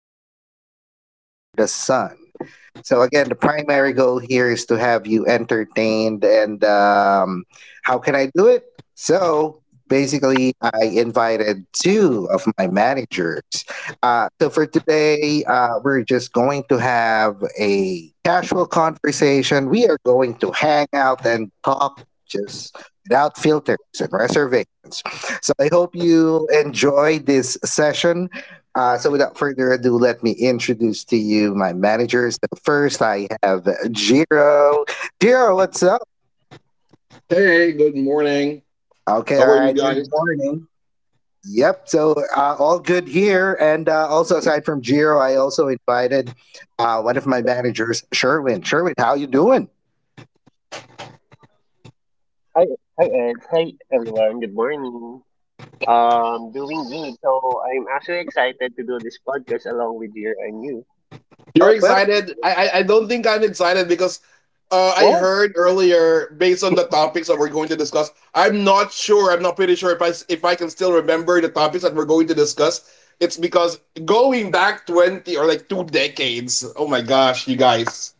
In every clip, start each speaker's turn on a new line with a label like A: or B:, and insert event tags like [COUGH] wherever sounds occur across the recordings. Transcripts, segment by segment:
A: everything under the sun. So again, the primary goal here is to have you entertained. And How can I do it? So basically, I invited two of my managers. So for today, we're just going to have a casual conversation. We are going to hang out and talk just without filters and reservations. So I hope you enjoy this session, so without further ado, let me introduce to you my managers. So first, I have Jiro. Jiro, what's up?
B: Hey, good morning.
A: Okay,
B: How
A: all
B: are you
A: right.
B: guys?
A: Good morning. Yep. So all good here, and also aside from Jiro, I also invited one of my managers, Sherwin. Sherwin, how you doing?
C: Hi, hi Ed. Hi everyone. Good morning. Doing good. So I'm actually excited to do this podcast along with you and you.
A: Oh
B: You're
A: well.
B: excited? I don't think I'm excited because I heard
C: Why?
B: earlier, based on the topics that we're going to discuss, I'm not sure. I'm not pretty sure if if I can still remember the topics that we're going to discuss. It's because going back 20 or like two decades. Oh my gosh, you guys!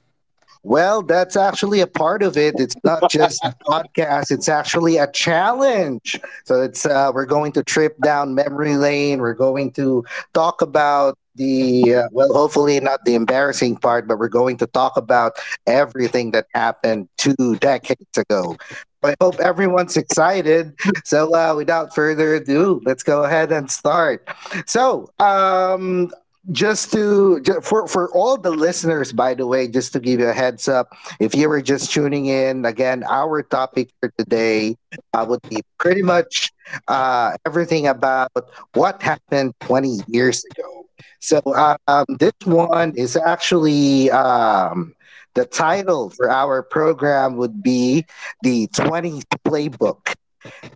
A: Well, that's actually a part of it. It's not just a podcast, it's actually a challenge. So it's we're going to trip down memory lane. We're going to talk about the well, hopefully not the embarrassing part, but we're going to talk about everything that happened two decades ago. I hope everyone's excited. So without further ado, let's go ahead and start. So, um just for all the listeners, by the way, just to give you a heads up, if you were just tuning in again, our topic for today would be pretty much everything about what happened 20 years ago. This one is actually the title for our program would be the 20s playbook: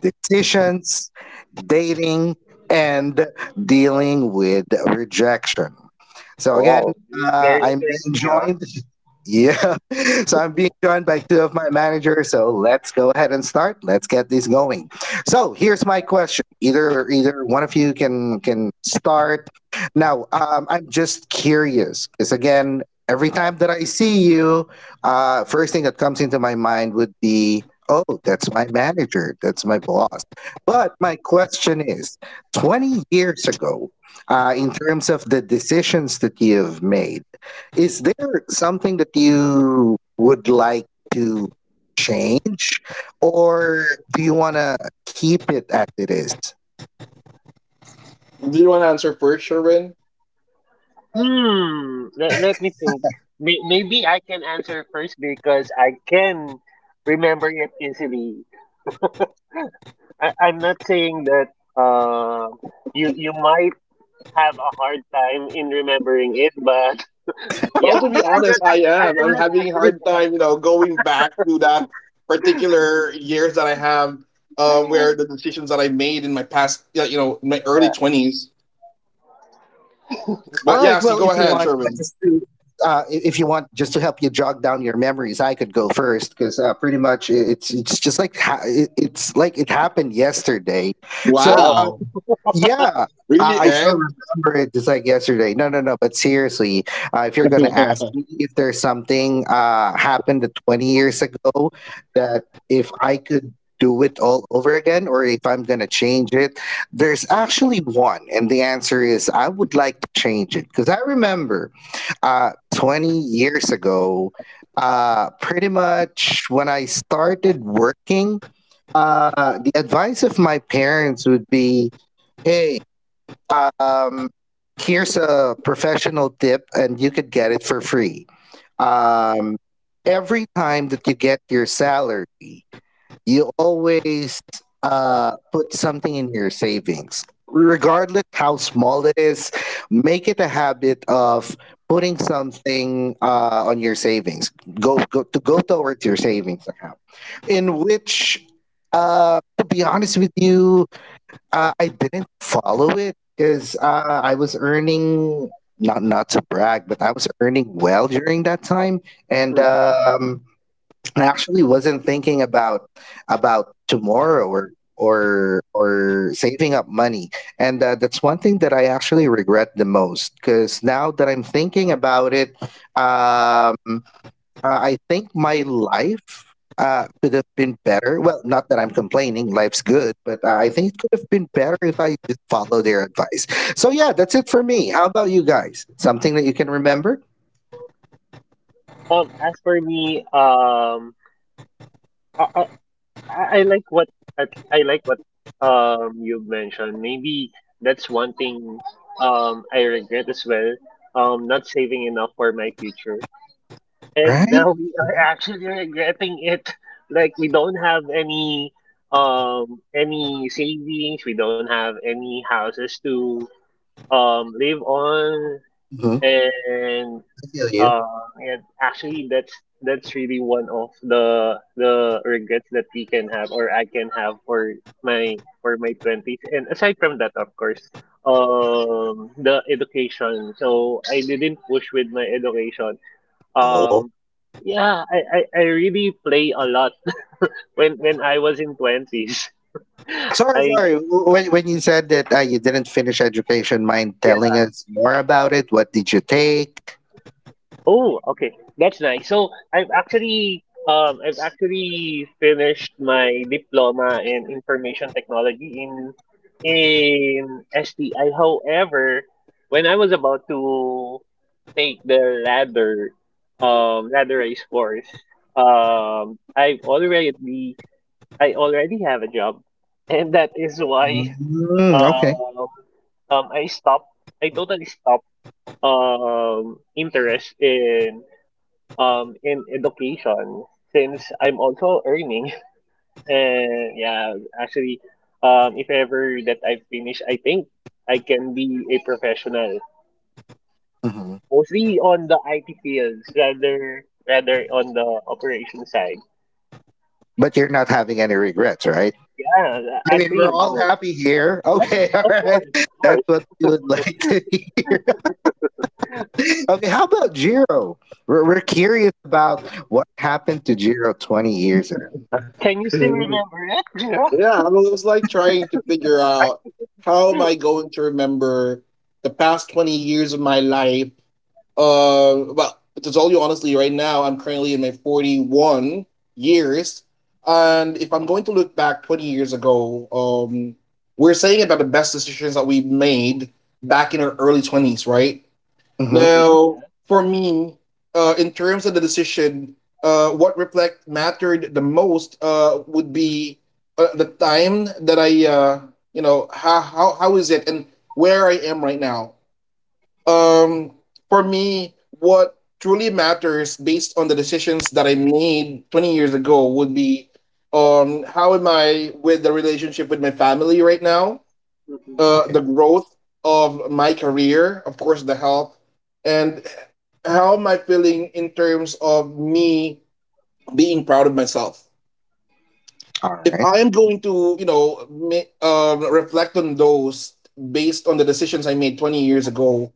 A: decisions, dating, and dealing with rejection. So again,
C: Wow, this is very
A: I'm being
C: interesting, huh?
A: joined. [LAUGHS] Yeah. So I'm being joined by two of my managers. So let's go ahead and start. Let's get this going. So here's my question. Either one of you can start. I'm just curious because again, every time that I see you, first thing that comes into my mind would be, oh, that's my manager. That's my boss. But my question is, 20 years ago, in terms of the decisions that you've made, is there something that you would like to change, or do you want to keep it as it is?
B: Do you want to answer first, Sherwin?
C: Hmm. Let me think. Maybe I can answer first because I can remember it easily. I'm not saying that uh, you might have a hard time in remembering it, but yeah,
B: Well, to be
C: I'm not,
B: honest, I
C: I'm
B: am. I'm
C: not
B: having hard time, you know, going back to that particular years that I have, where
C: actually.
B: the decisions that I made in my past, yeah, you know, in my early 20s. But
A: All right.
B: yes, you
A: Well,
B: go
A: if you
B: ahead,
A: want,
B: Sherwin.
A: if you want, just to help you jog down your memories, I could go first because pretty much it's just like it's like it happened yesterday.
C: [LAUGHS]
A: So
C: Wow.
B: Wow,
A: yeah,
B: really,
A: I still
B: Ed?
A: remember it just like yesterday. No, no, no. But seriously, if
B: [LAUGHS]
A: you're gonna ask
B: yeah,
A: me if there's something happened 20 years ago that if I could do it all over again, or if I'm gonna change it, there's actually one, and the answer is I would like to change it because I remember 20 years ago, pretty much when I started working. The advice of my parents would be, "Hey, um, here's a professional tip, and you could get it for free. Um, every time that you get your salary, you always put something in your savings, regardless how small it is. Make it a habit of putting something on your savings. Go towards your savings account, in which." To be honest with you, I didn't follow it because I was earning, not to brag, but I was earning well during that time, and
C: Hmm.
A: um, I actually wasn't thinking about tomorrow or saving up money, and that's one thing that I actually regret the most because now that I'm thinking about it, um, I think my life could have been better. Well, not that I'm complaining, life's good, but I think it could have been better if I did follow their advice. So, yeah, that's it for me. How about you guys? Something that you can remember,
C: As for me, I, I, I I like what I like what you mentioned. Maybe that's one thing I regret as well. Not saving enough for my future, and [LAUGHS]
A: right?
C: now we are actually regretting it. Like we don't have any savings. We don't have any houses to live on,
A: Mm-hmm. I
C: and
A: feel you.
C: Uh, yeah, actually, that's really one of the regrets that we can have, or I can have for my 20s. And aside from that, of course, the education. So I didn't push with my education.
A: Oh,
C: Um, yeah, I really play a lot when I was in 20s. [LAUGHS]
A: sorry,
C: I
A: sorry. When you said that you didn't finish education, mind
C: Yeah.
A: telling us more about it? What did you take?
C: Oh, okay. That's nice. So I've actually finished my diploma in information technology in STI. However, when I was about to take the ladder race course, um I've already I already have a job. [LAUGHS] And that is why
A: Mm, okay.
C: um um I stopped I totally stopped interest in education since I'm also earning. [LAUGHS] And yeah, actually, if ever that I finish I think I can be a professional
A: Mhm.
C: mostly on the IT fields rather on the operation side.
A: But you're not having any regrets, right?
C: Yeah.
A: I mean,
C: Actually,
A: we're all
C: no.
A: happy here.
C: Yeah,
A: Okay, [LAUGHS] all
C: of
A: right.
C: course,
A: That's what we would like to hear. [LAUGHS] Okay, how about Jiro? We're curious about what happened to Jiro 20 years ago.
C: can you still remember it? [LAUGHS]
B: I
C: Yeah.
B: mean, it was like trying to figure out how am I going to remember the past 20 years of my life. But to tell you honestly, right now I'm currently in my 41 years, and if I'm going to look back 20 years ago, we're saying about the best decisions that we made back in our early 20s, right?
A: Hmm.
C: Mm-hmm.
B: Now, for me, in terms of the decision, what reflect mattered the most would be the time that you know, how is it and where I am right now. um for me, what truly matters based on the decisions that I made 20 years ago would be how am I with the relationship with my family right now.
C: Mm-hmm.
A: Okay.
B: The growth of my career, of course, the health, and how am I feeling in terms of me being proud of myself.
A: All
B: If
A: right.
B: I am going to, you know, reflect on those based on the decisions I made 20 years ago.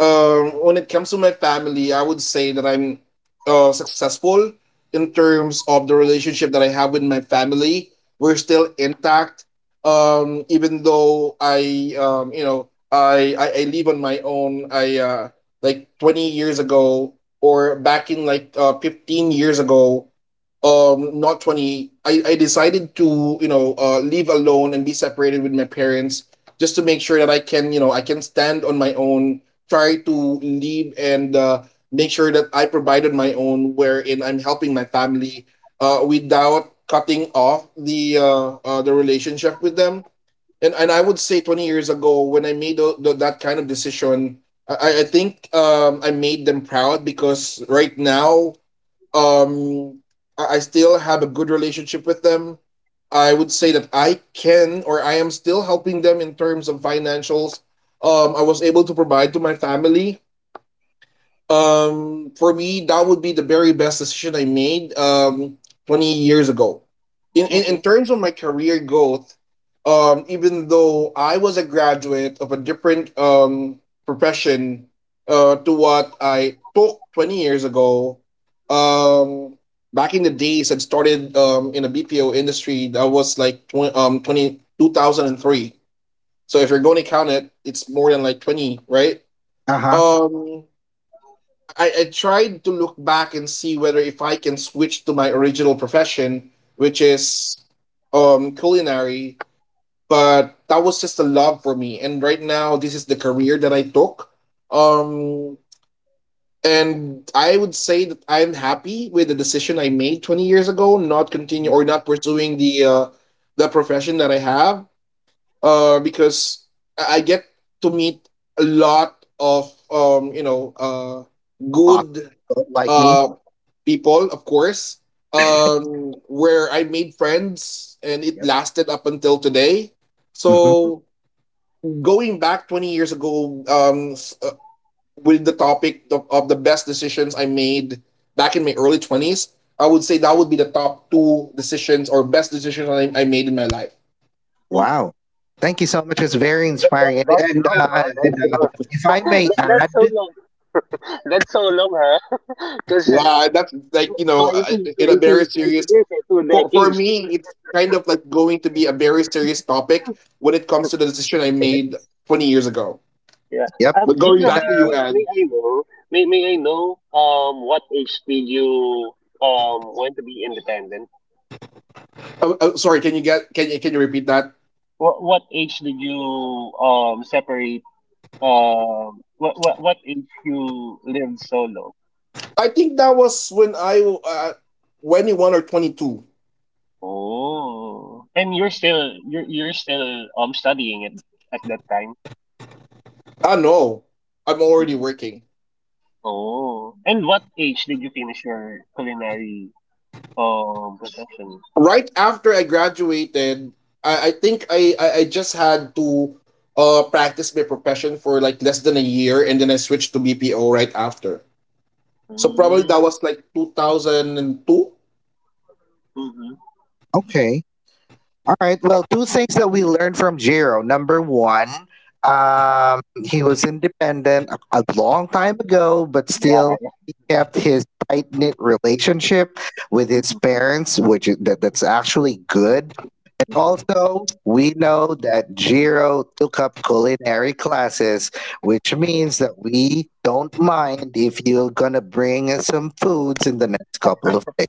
B: When it comes to my family, I would say that I'm successful in terms of the relationship that I have with my family. We're still intact, even though you know, I live on my own. I Like 20 years ago, or back in like 15 years ago, not 20, I decided to, you know, leave alone and be separated with my parents, just to make sure that I can, you know, I can stand on my own, try to leave and make sure that I provided my own, wherein I'm helping my family without cutting off the relationship with them. And I would say 20 years ago, when I made that kind of decision, I think I made them proud because right now, um, I still have a good relationship with them. I would say that I can, or I am still helping them in terms of financials. I was able to provide to my family. For me, that would be the very best decision I made 20 years ago. In
C: Mm-hmm.
B: terms of my career growth, even though I was a graduate of a different profession to what I took 20 years ago, um back in the days I started in a BPO industry. That was like 20 2003. So if you're going to count it, it's more than like 20, right?
A: Uh huh.
B: Um I tried to look back and see whether if I can switch to my original profession, which is culinary, but that was just a love for me. And right now this is the career that I took. Um and I would say that I'm happy with the decision I made 20 years ago, not continue or not pursuing the the profession that I have. Because I get to meet a lot of, you know,
A: Awesome.
B: good
A: Like me.
B: uh people, of course, where I made friends and it
A: Yep.
B: lasted up until today.
A: Hmm.
B: So going back 20 years ago, with the topic of the best decisions I made back in my early 20s, I would say that would be the top two decisions or best decisions I made in my life.
C: Mm.
A: Wow. Thank you so much. It's very
C: That, that,
A: inspiring. And,
C: that's
A: and,
C: long,
A: uh,
C: huh? That's
A: and uh,
C: long.
A: if
C: [LAUGHS]
A: I may
C: That's so
A: add,
C: long. [LAUGHS] That's so long, huh? [LAUGHS] Because
B: Wow, that's like, you know,
C: 20,
B: in a
C: 20,
B: very
C: 20
B: serious,
C: years or so that.
B: for me,
C: [LAUGHS]
B: it's kind of like going to be a very serious topic when it comes to the decision I made 20 years ago.
C: Yeah.
A: yep.
B: But going
C: Gina,
A: And, uh,
B: back
C: may,
B: to you,
C: may, may
B: Anne.
C: I know, what age did you, want to be independent?
B: Sorry, can you repeat that?
C: What age did you, separate, what age you lived solo?
B: I think that was when I 21 or 22.
C: Oh, and you're still, studying it at that time.
B: Ah no, I'm already
C: Mhm.
B: working.
C: Oh, and what age did you finish your culinary, profession?
B: Right after I graduated, I think I just had to practice my profession for like less than a year, and then I switched to BPO right after. So probably
C: Mm.
B: that was like 2002.
C: Hmm.
A: okay. All right. Well, two things that we learned from Jiro. Number one, he was independent a long time ago, but
C: Yeah.
A: still he kept his tight knit relationship with his
C: Mm-hmm.
A: parents, which is, that's actually good. And
C: Mm-hmm.
A: also, we know that Jiro took up culinary classes, which means that we don't mind if you're gonna bring us some foods in the next couple of days.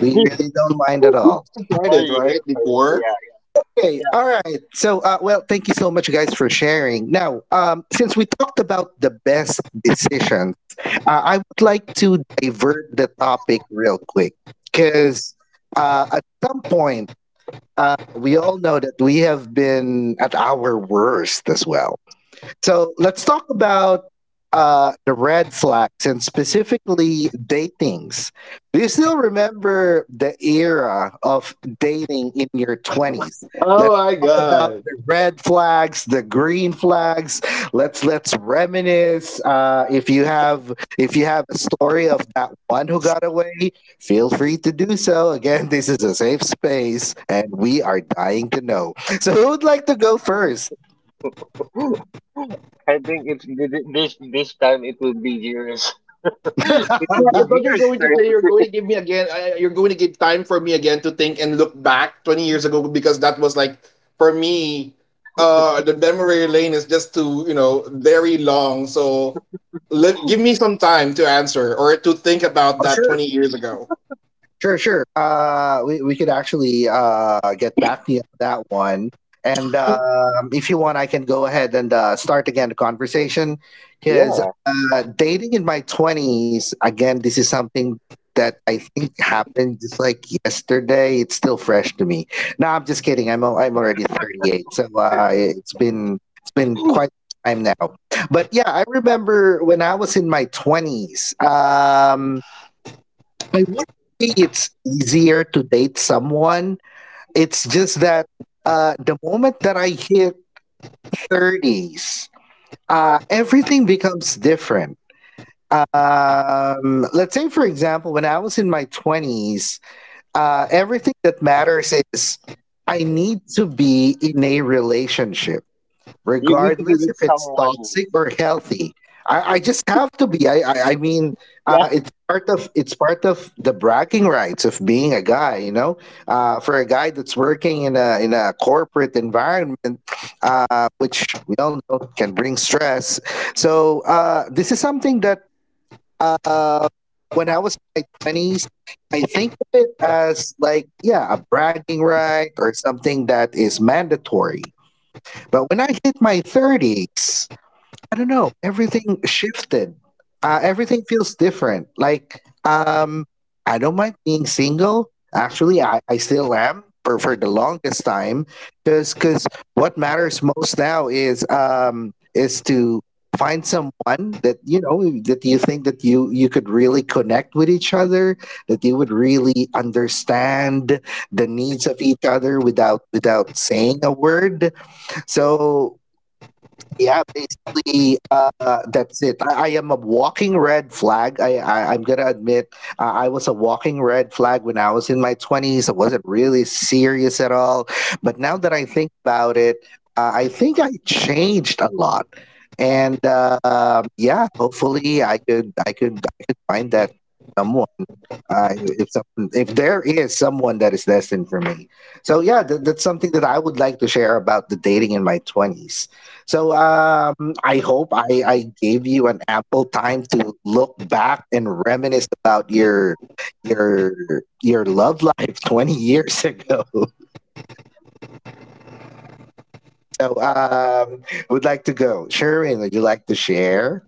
A: We
C: [LAUGHS]
A: really don't mind at
B: We
A: all.
C: For
B: started
C: real,
B: right
C: for real.
B: before.
C: Yeah,
A: Okay, all right. So, well, thank you so much, guys, for sharing. Now, since we talked about the best decisions, I would like to divert the topic real quick because at some point, we all know that we have been at our worst as well. So let's talk about the red flags, and specifically datings. Do you still remember the era of dating in your 20s? Let's
B: Oh my
A: talk about
B: god!
A: the red flags, the green flags. Let's reminisce. If you have a story of that one who got away, feel free to do so. Again, [LAUGHS] this is a safe space, and we are dying to know. So who would like to go first?
C: yeah. [LAUGHS] I think it's this time it will be yours. [LAUGHS] It will
B: Yeah,
C: be
B: I thought you're
C: yours
B: going to say you're
C: time.
B: going to
C: [LAUGHS]
B: give me again. You're going to give time for me again to think and look back 20 years ago, because that was like for me. The memory lane is just too, you know, very long. So give me some time to answer or to think about that 20 years ago.
A: Sure, sure. We could actually get back to you on that one. And if you want, I can go ahead and start again the conversation because
C: Yeah,
A: dating in my 20s, again, this is something that I think happened just like yesterday. It's still fresh to me. No, I'm just kidding. I'm already 38. So it's been quite a time now. But yeah, I remember when I was in my 20s. I would not say it's easier to date someone. It's just that the moment that I hit 30s, everything becomes different. Let's say, for example, when I was in my 20s, everything that matters is I need to be in a relationship,
C: you need to be
A: regardless
C: with
A: if it's
C: someone.
A: toxic or healthy. I just have to be. I mean,
C: Yeah,
A: it's part of the bragging rights of being a guy. You know, for a guy that's working in a corporate environment, which we all know can bring stress. So this is something that uh, when I was in my twenties, I think of it as like, yeah, a bragging right or something that is mandatory. But when I hit my 30s, I don't know, everything shifted. Everything feels different. Like, I don't mind being single. Actually, I still am for the longest time. Because cause what matters most now is, is to find someone that you know, that you think that you could really connect with each other, that you would really understand the needs of each other without without saying a word. So yeah, basically, that's it. I am a walking red flag. I'm gonna admit, I was a walking red flag when I was in my 20s. I wasn't really serious at all, but now that I think about it, I think I changed a lot. And yeah, hopefully I could find that someone, uh, if, some, if there is someone that is destined for me. So yeah, that's something that I would like to share about the dating in my 20s. So I hope I gave you an ample time to look back and reminisce about your your love life [LAUGHS] 20 years ago. So would like to go. Sharon, would you like to share?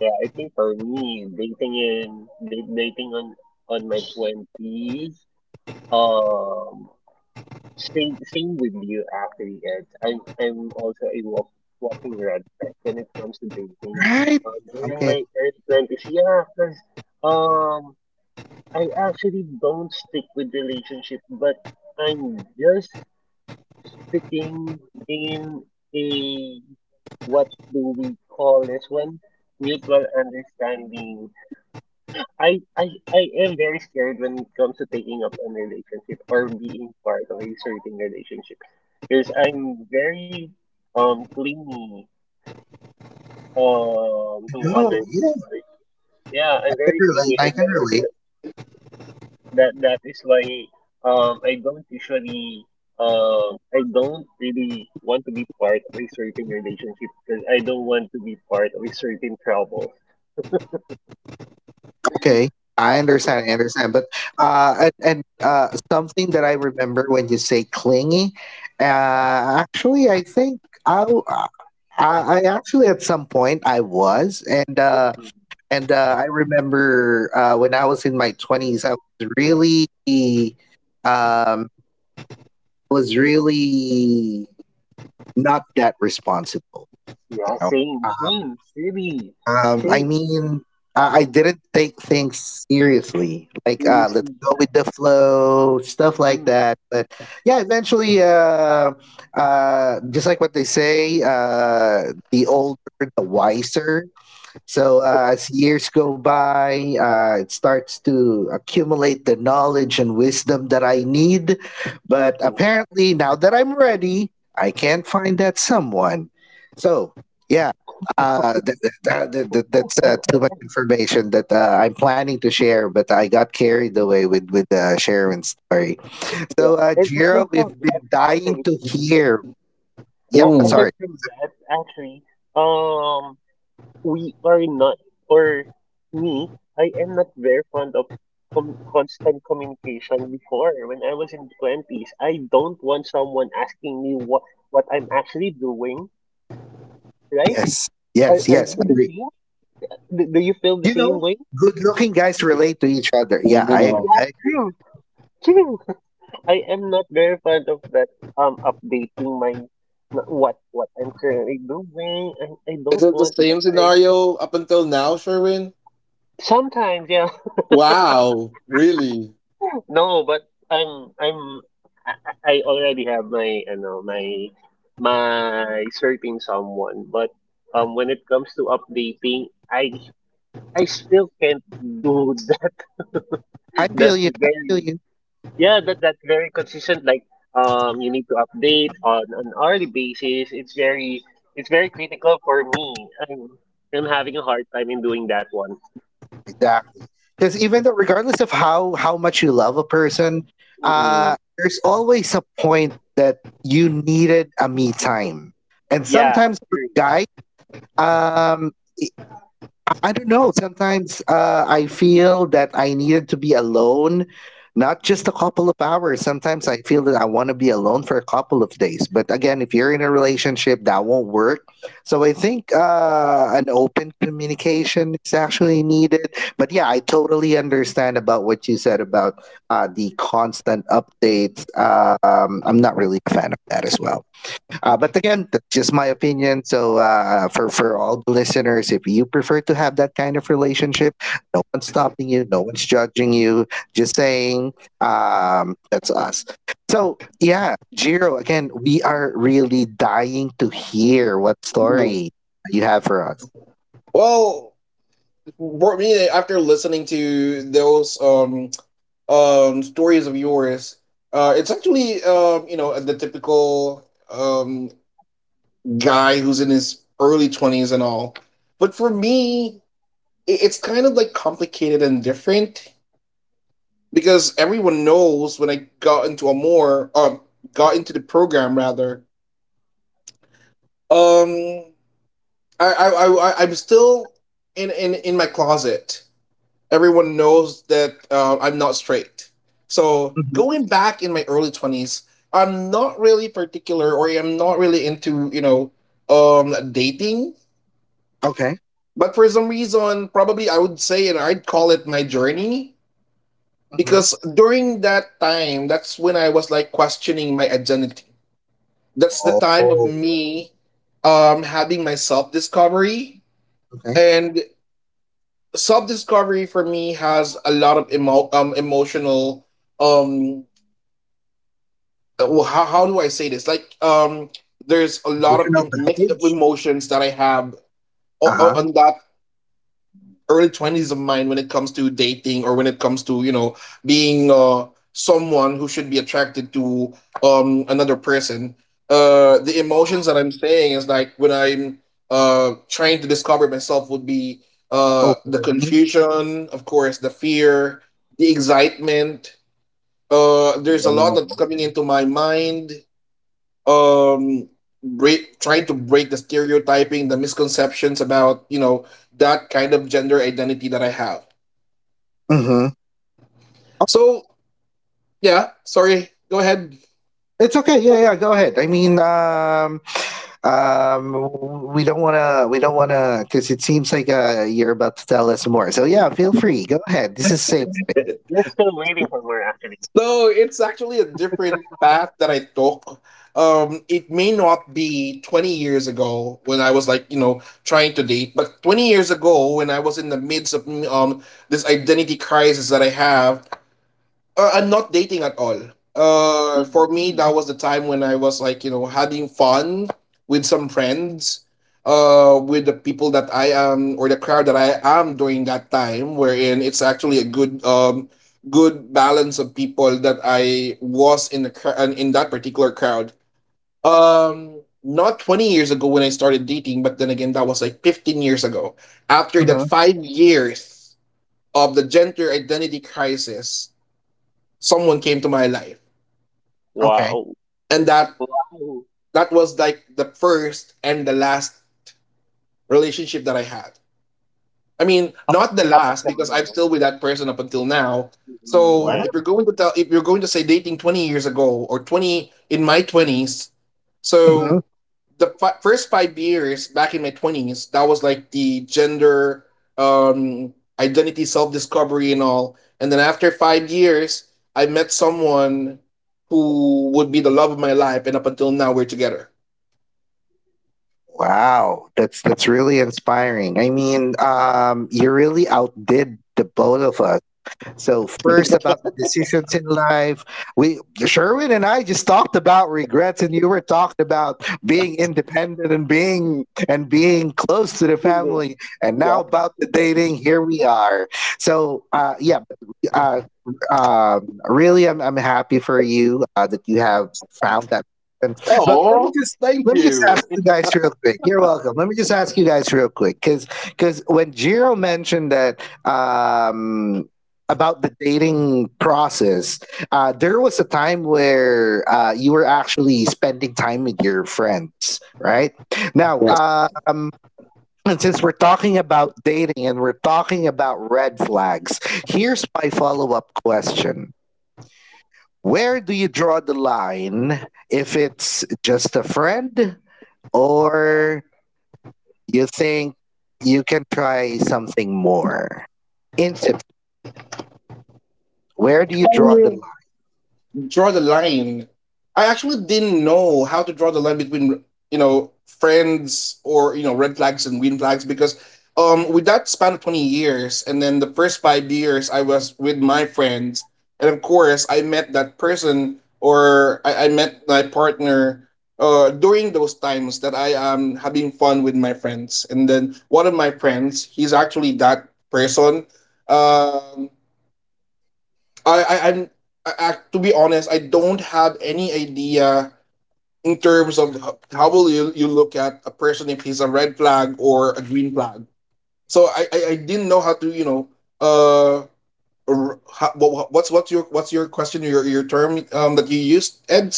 C: yeah. I think for me, dating in da- dating on my 20s. Um, same with you, actually, Ed. I'm also a walking red flag when it comes to dating.
A: Right.
C: During
A: Okay.
C: my early 20s, yeah, because um, I actually don't stick with relationship, but I'm just sticking in a, what do we call this one? Mutual understanding. I, I I am very scared when it comes to taking up a relationship or being part of a certain relationship because I'm very clingy to
A: No.
C: other
A: Yeah.
C: people. Yeah,
A: I
C: I'm
A: can
C: very
A: relate.
C: clingy,
A: I
C: and
A: can
C: that is
A: relate.
C: the, that that is why um I don't usually I don't really want to be part of a certain relationship because I don't want to be part of a certain trouble.
A: Okay, I understand. I understand. But and something that I remember when you say clingy, actually, I think I, w- uh, I actually at some point I was, and uh,
C: Mhm.
A: and uh, I remember when I was in my twenties, I um, was really not that responsible, you
C: Yeah,
A: know.
C: same,
A: um,
C: same, really,
A: I
C: same.
A: mean, I didn't take things seriously. Like, let's
C: Seriously, yeah.
A: go with the flow, stuff like
C: Hmm.
A: that. But yeah, eventually, just like what they say, the older, the wiser. So as years go by, it starts to accumulate the knowledge and wisdom that I need.
C: True,
A: But
C: true.
A: apparently, now that I'm ready, I can't find that someone. So yeah, th- th- th- th- th-
C: And,
A: that's
C: and,
A: too much
C: and-
A: information that I'm planning to share, but I got carried away with Sharon's story.
C: yeah,
A: So
C: and aside
A: Jiro,
C: from
A: we've
C: that,
A: been dying
C: actually,
A: to hear. Yep,
C: uh,
A: sorry.
B: Mm,
C: aside from that, actually, um, we are not, or me, I am not very fond of constant communication before. When I was in 20s, I don't want someone asking me what I'm actually doing, right?
A: Yes,
C: Are,
A: yes,
C: are
A: yes.
C: you the same? Do you feel the
A: You
C: same
A: know,
C: way?
A: good looking guys relate to each other. Yeah, I agree.
B: wow.
C: Yeah,
A: I agree.
C: true, true. I am not very fond of that. Updating what I'm currently doing. I
B: Is
C: don't
B: it the
C: want that.
B: same
C: I
B: scenario up until now, Sherwin?
C: Sometimes, yeah.
B: Wow, really?
C: [LAUGHS] No, but I'm I'm I already have my you know my certain someone, but when it comes to updating, I still can't do [LAUGHS] that.
A: I feel
C: That's
A: you. I feel
C: very.
A: you.
C: Yeah, that's very consistent. Like, you need to update on an hourly basis. It's very critical for me. I'm having a hard time in doing that one.
A: Exactly. Because even though, regardless of how much you love a person,
C: Mm-hmm.
A: there's always a point that you needed a me time, and
C: Yeah,
A: sometimes for
C: true.
A: guy, um, I don't know. Sometimes I feel that I needed to be alone, not just a couple of hours. Sometimes I feel that I want to be alone for a couple of days. But again, if you're in a relationship, that won't work. So I think an open communication is actually needed. But yeah, I totally understand about what you said about the constant updates. I'm not really a fan of that as well. But again, that's just my opinion. So for all the listeners, if you prefer to have that kind of relationship, no one's stopping you, no one's judging you. Just saying, that's us. So yeah, Jiro. Again, we are really dying to hear what
B: No.
A: story you have for us.
B: Well, for me, after listening to those stories of yours, it's actually you know, the typical guy who's in his early 20s and all. But for me, it's kind of like complicated and different, because everyone knows when I got into a more got into the program rather. Um, I'm still in my closet. Everyone knows that I'm not straight. So
A: Mhm.
B: going back in my early 20s, I'm not really particular, or I'm not really into, you know, dating.
A: Okay.
B: But for some reason, probably I would say, and I'd call it my journey,
A: Hmm.
B: because during that time, that's when I was like questioning my identity. That's the time of
A: Oh,
B: me having my self discovery.
A: okay.
B: And self discovery for me has a lot of emotional. Um, how do I say this? Like, there's a lot of
A: Emotional
B: mixed up
A: baggage.
B: emotions that I have
A: Uh huh.
B: on that early 20s of mine when it comes to dating, or when it comes to, you know, being someone who should be attracted to another person. The emotions that I'm saying is like when I'm trying to discover myself would be the
A: Overwhelming.
B: confusion, of course, the fear, the excitement. There's a lot that's coming into my mind, um break, trying to break the stereotyping, the misconceptions about, you know, that kind of gender identity that I have.
A: Mm-hmm.
B: So, yeah, sorry, go ahead.
A: It's okay. Yeah, yeah. Go ahead. I mean, we don't want to. We don't want to, because it seems like you're about to tell us more. So yeah, feel free. Go ahead. This is safe space.
C: You're still waiting for more, actually.
B: So it's actually a different path that I took. It may not be 20 years ago when I was like, you know, trying to date, but 20 years ago when I was in the midst of this identity crisis that I have. I'm not dating at all. For me,
C: Mm-hmm.
B: that was the time when I was like, you know, having fun with some friends, with the people that I am, or the crowd that I am during that time, wherein it's actually a good, good balance of people that I was in that particular crowd. Not 20 years ago when I started dating, but then again, that was like 15 years ago. After that
A: Hmm.
B: 5 years of the gender identity crisis, someone came to my life.
A: Okay.
C: Wow.
B: And that
C: Wow.
B: that was like the first and the last relationship that I had. I mean,
C: Up
B: not the
C: up
B: last,
C: until
B: because I'm
C: now.
B: still with that person up until now.
C: Mm-hmm.
B: So
A: Wow.
C: Yeah.
B: if you're going to tell, if you're going to say dating 20 years ago, or 20 in my 20s,
A: Hmm.
B: so the first 5 years back in my 20s, that was like the gender, identity, self discovery, and all. And then after 5 years, I met someone who would be the love of my life, and up until now, we're together.
A: Wow. That's really inspiring. I mean, you really outdid the both of us. So first about the decisions in life, we Sherwin and I just talked about regrets, and you were talking about being independent and being close to the
C: Indeed.
A: family, and now
C: Yeah.
A: about the dating. Here we are. So yeah, uh, really, I'm happy for you that you have found that. Person. But
B: Oh, thank
A: let me just
B: you.
A: ask you guys real quick. You're welcome. Let me just ask you guys real quick because when Jiro mentioned that about the dating process. There was a time where you were actually spending time with your friends, right? Now,
B: Yes.
A: and since we're talking about dating and we're talking about red flags, here's my follow up question. Where do you draw the line if it's just a friend or you think you can try something more intimate? Where do you draw the
B: Draw the line. I actually didn't know how to draw the line between, you know, friends, or, you know, red flags and green flags, because with that span of 20 years, and then the first 5 years I was with my friends, and of course I met that person, or I met my partner during those times that I am having fun with my friends, and then one of my friends, he's actually that person. Um I I'm I- To be honest, I don't have any idea in terms of how will you look at a person if he's a red flag or a green flag. So I didn't know how to, you know, uh how, what's what's your question, your term that you used, Ed.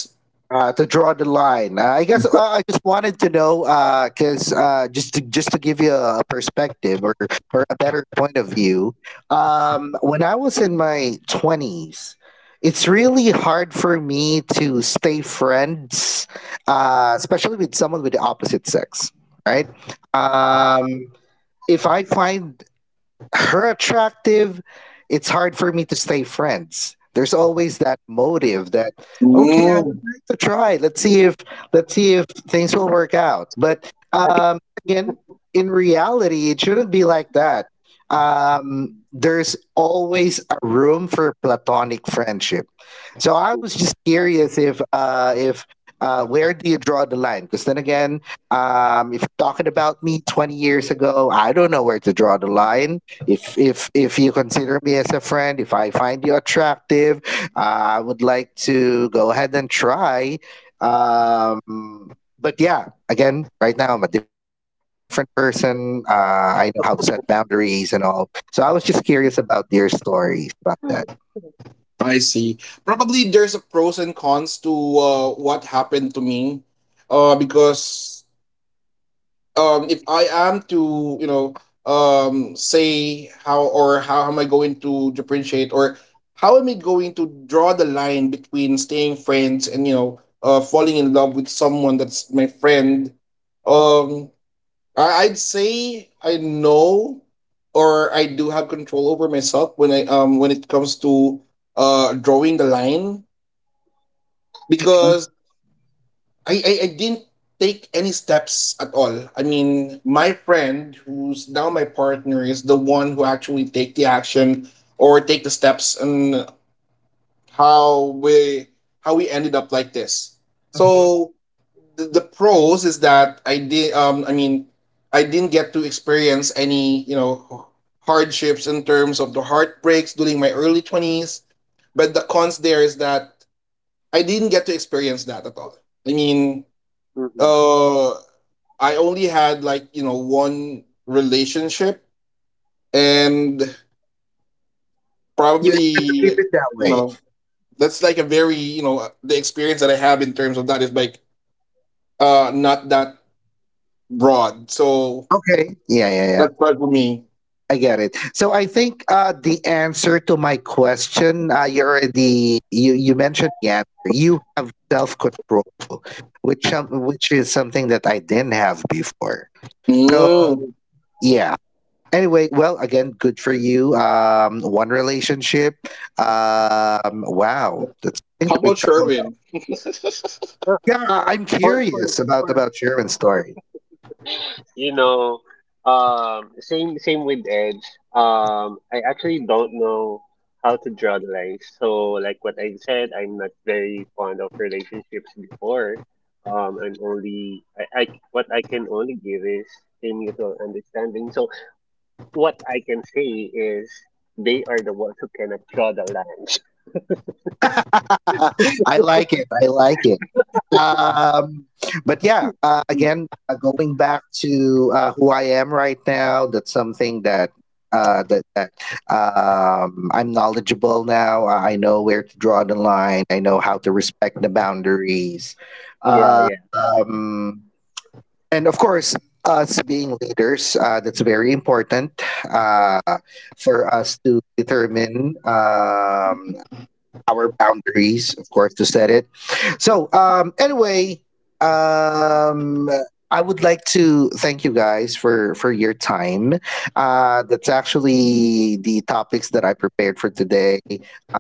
A: to draw the line. I guess I just wanted to know because just to give you a perspective or a better point of view, when I was in my twenties. It's really hard for me to stay friends, especially with someone with the opposite sex, right? If I find her attractive, it's hard for me to stay friends. There's always that motive that okay, I would
C: Mm-hmm.
B: Mm,
A: like to try. Let's see if things will work out. But
C: Yeah.
A: again, in reality, it shouldn't be like that.
C: Mm-hmm.
A: There's always a room for platonic friendship. So I was just curious if where do you draw the line? Because then again, if you're talking about me 20 years ago, I don't know where to draw the line if you consider me as a friend. If I find you attractive, I would like to go ahead and try. But yeah, again, right now I'm a different person. I know how to set boundaries and all. So I was just curious about your stories about that.
C: Mm-hmm.
B: I see. Probably there's a pros and cons to what happened to me, because if I am to, you know, say how, or how am I going to differentiate, or how am I going to draw the line between staying friends and, you know, falling in love with someone that's my friend. Um I, I'd say I know, or I do have control over myself when I when it comes to drawing the line.
A: Mhm,
B: Because I didn't take any steps at all. I mean, my friend, who's now my partner, is the one who actually take the action or take the steps and how we, how we ended up like this.
A: mhm.
B: So the pros is that I did. I mean, I didn't get to experience any, you know, hardships in terms of the heartbreaks during my early 20s. But the cons there is that I didn't get to experience that at all. I mean,
C: Mm-hmm.
B: uh I only had like, you know, one relationship, and
A: You
B: probably,
A: have to keep
B: you
A: it that way.
B: know, that's like a very, you know, the experience that I have in terms of that is like not that broad. So
A: Okay, yeah, yeah, yeah.
B: that's right for me.
A: I get it. So I think the answer to my question, you're the you you mentioned the answer. You have self control, which is something that I didn't have before. So
B: Mm.
A: yeah. Anyway, well, again, good for you. One relationship. Wow, that's something
B: How
A: to be
B: about
A: proud of.
B: Sherwin?
C: Uh,
A: Yeah, I'm
C: For, for,
A: curious about
C: for
A: Sharon's story.
C: you know, same with Edge. I actually don't know how to draw the lines. So, like what I said, I'm not very fond of relationships before. I'm only I What I can only give is a mutual understanding. So, what I can say is they are the ones who cannot draw the lines.
A: [LAUGHS] I like it. I like it. um, but yeah,
C: [LAUGHS]
A: again, going back to who I am right now, that's something that uh, that that I'm knowledgeable now. I know where to draw the line. I know how to respect the boundaries,
C: Yeah,
A: uh,
C: yeah.
A: um, and of course. Us being leaders, that's very important uh, for us to determine our boundaries, of course, to set it. So, anyway, um, I would like to thank you guys for your time. That's actually the topics that I prepared for today.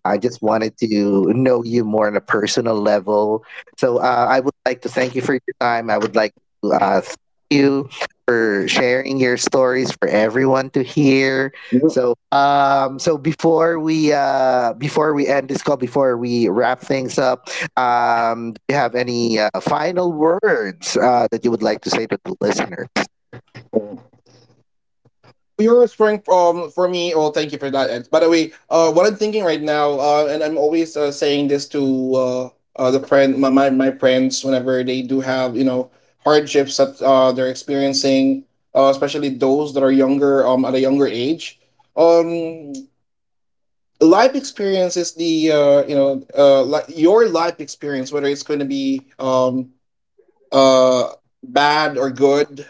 A: I just wanted to know you more on a personal level. So, I would like to thank you for your time. I would like to thank you for sharing your stories for everyone to hear.
B: [LAUGHS]
A: So before we end this call, before we wrap things up, do you have any final words that you would like to say to the listener?
B: You're a strength, for me. Well, thank you for that. And by the way, what I'm thinking right now, and I'm always saying this to the friend, my friends, whenever they do have, you know, hardships that they're experiencing, especially those that are younger, at a younger age, um, life experience is the you know, your life experience, whether it's going to be uh bad or good,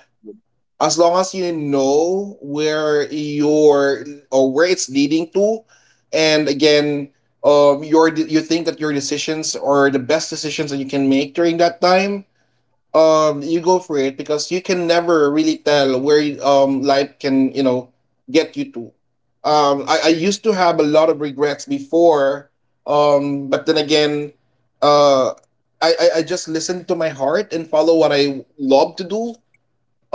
B: as long as you know where you're, or where it's leading to. And again, your, you think that your decisions are the best decisions that you can make during that time, you go for it, because you can never really tell where, life can, you know, get you to. I used to have a lot of regrets before, but then again, uh I just listen to my heart and follow what I love to do.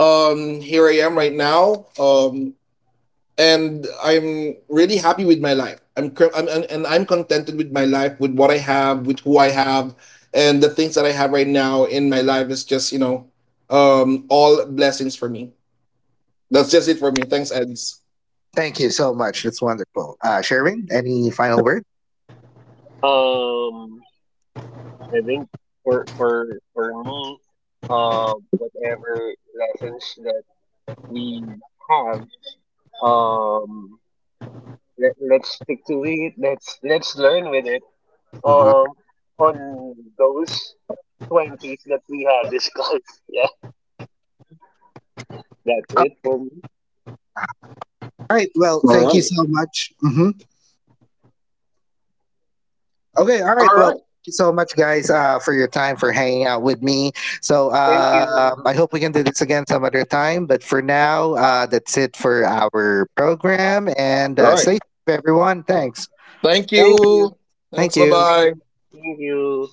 B: Here I am right now, and I'm really happy with my life. I'm and I'm contented with my life, with what I have, with who I have, and the things that I have right now in my life is just, you know, all blessings for me. That's just it for me. Thanks, Edis.
A: Thank you so much. That's wonderful. Sherwin, any final words?
C: Um, I think for for for me, whatever lessons that we have. Um, let's stick to it. Let's learn with it.
A: Uh-huh.
C: Um, on those 20s that we have discussed. [LAUGHS] Yeah, that's it for me.
A: All right. Well, thank you so much. Hmm. Okay. All right.
B: All
A: Well,
B: right.
A: thank you so much, guys, for your time, for hanging out with me. So
C: Thank you.
A: I hope we can do this again some other time. But for now, that's it for our program. And
B: All right.
A: stay safe, everyone. Thanks.
B: Thank
C: Thank
B: you.
C: you.
A: Thank
B: Thanks. Bye
A: you.
B: bye.
C: Thank you.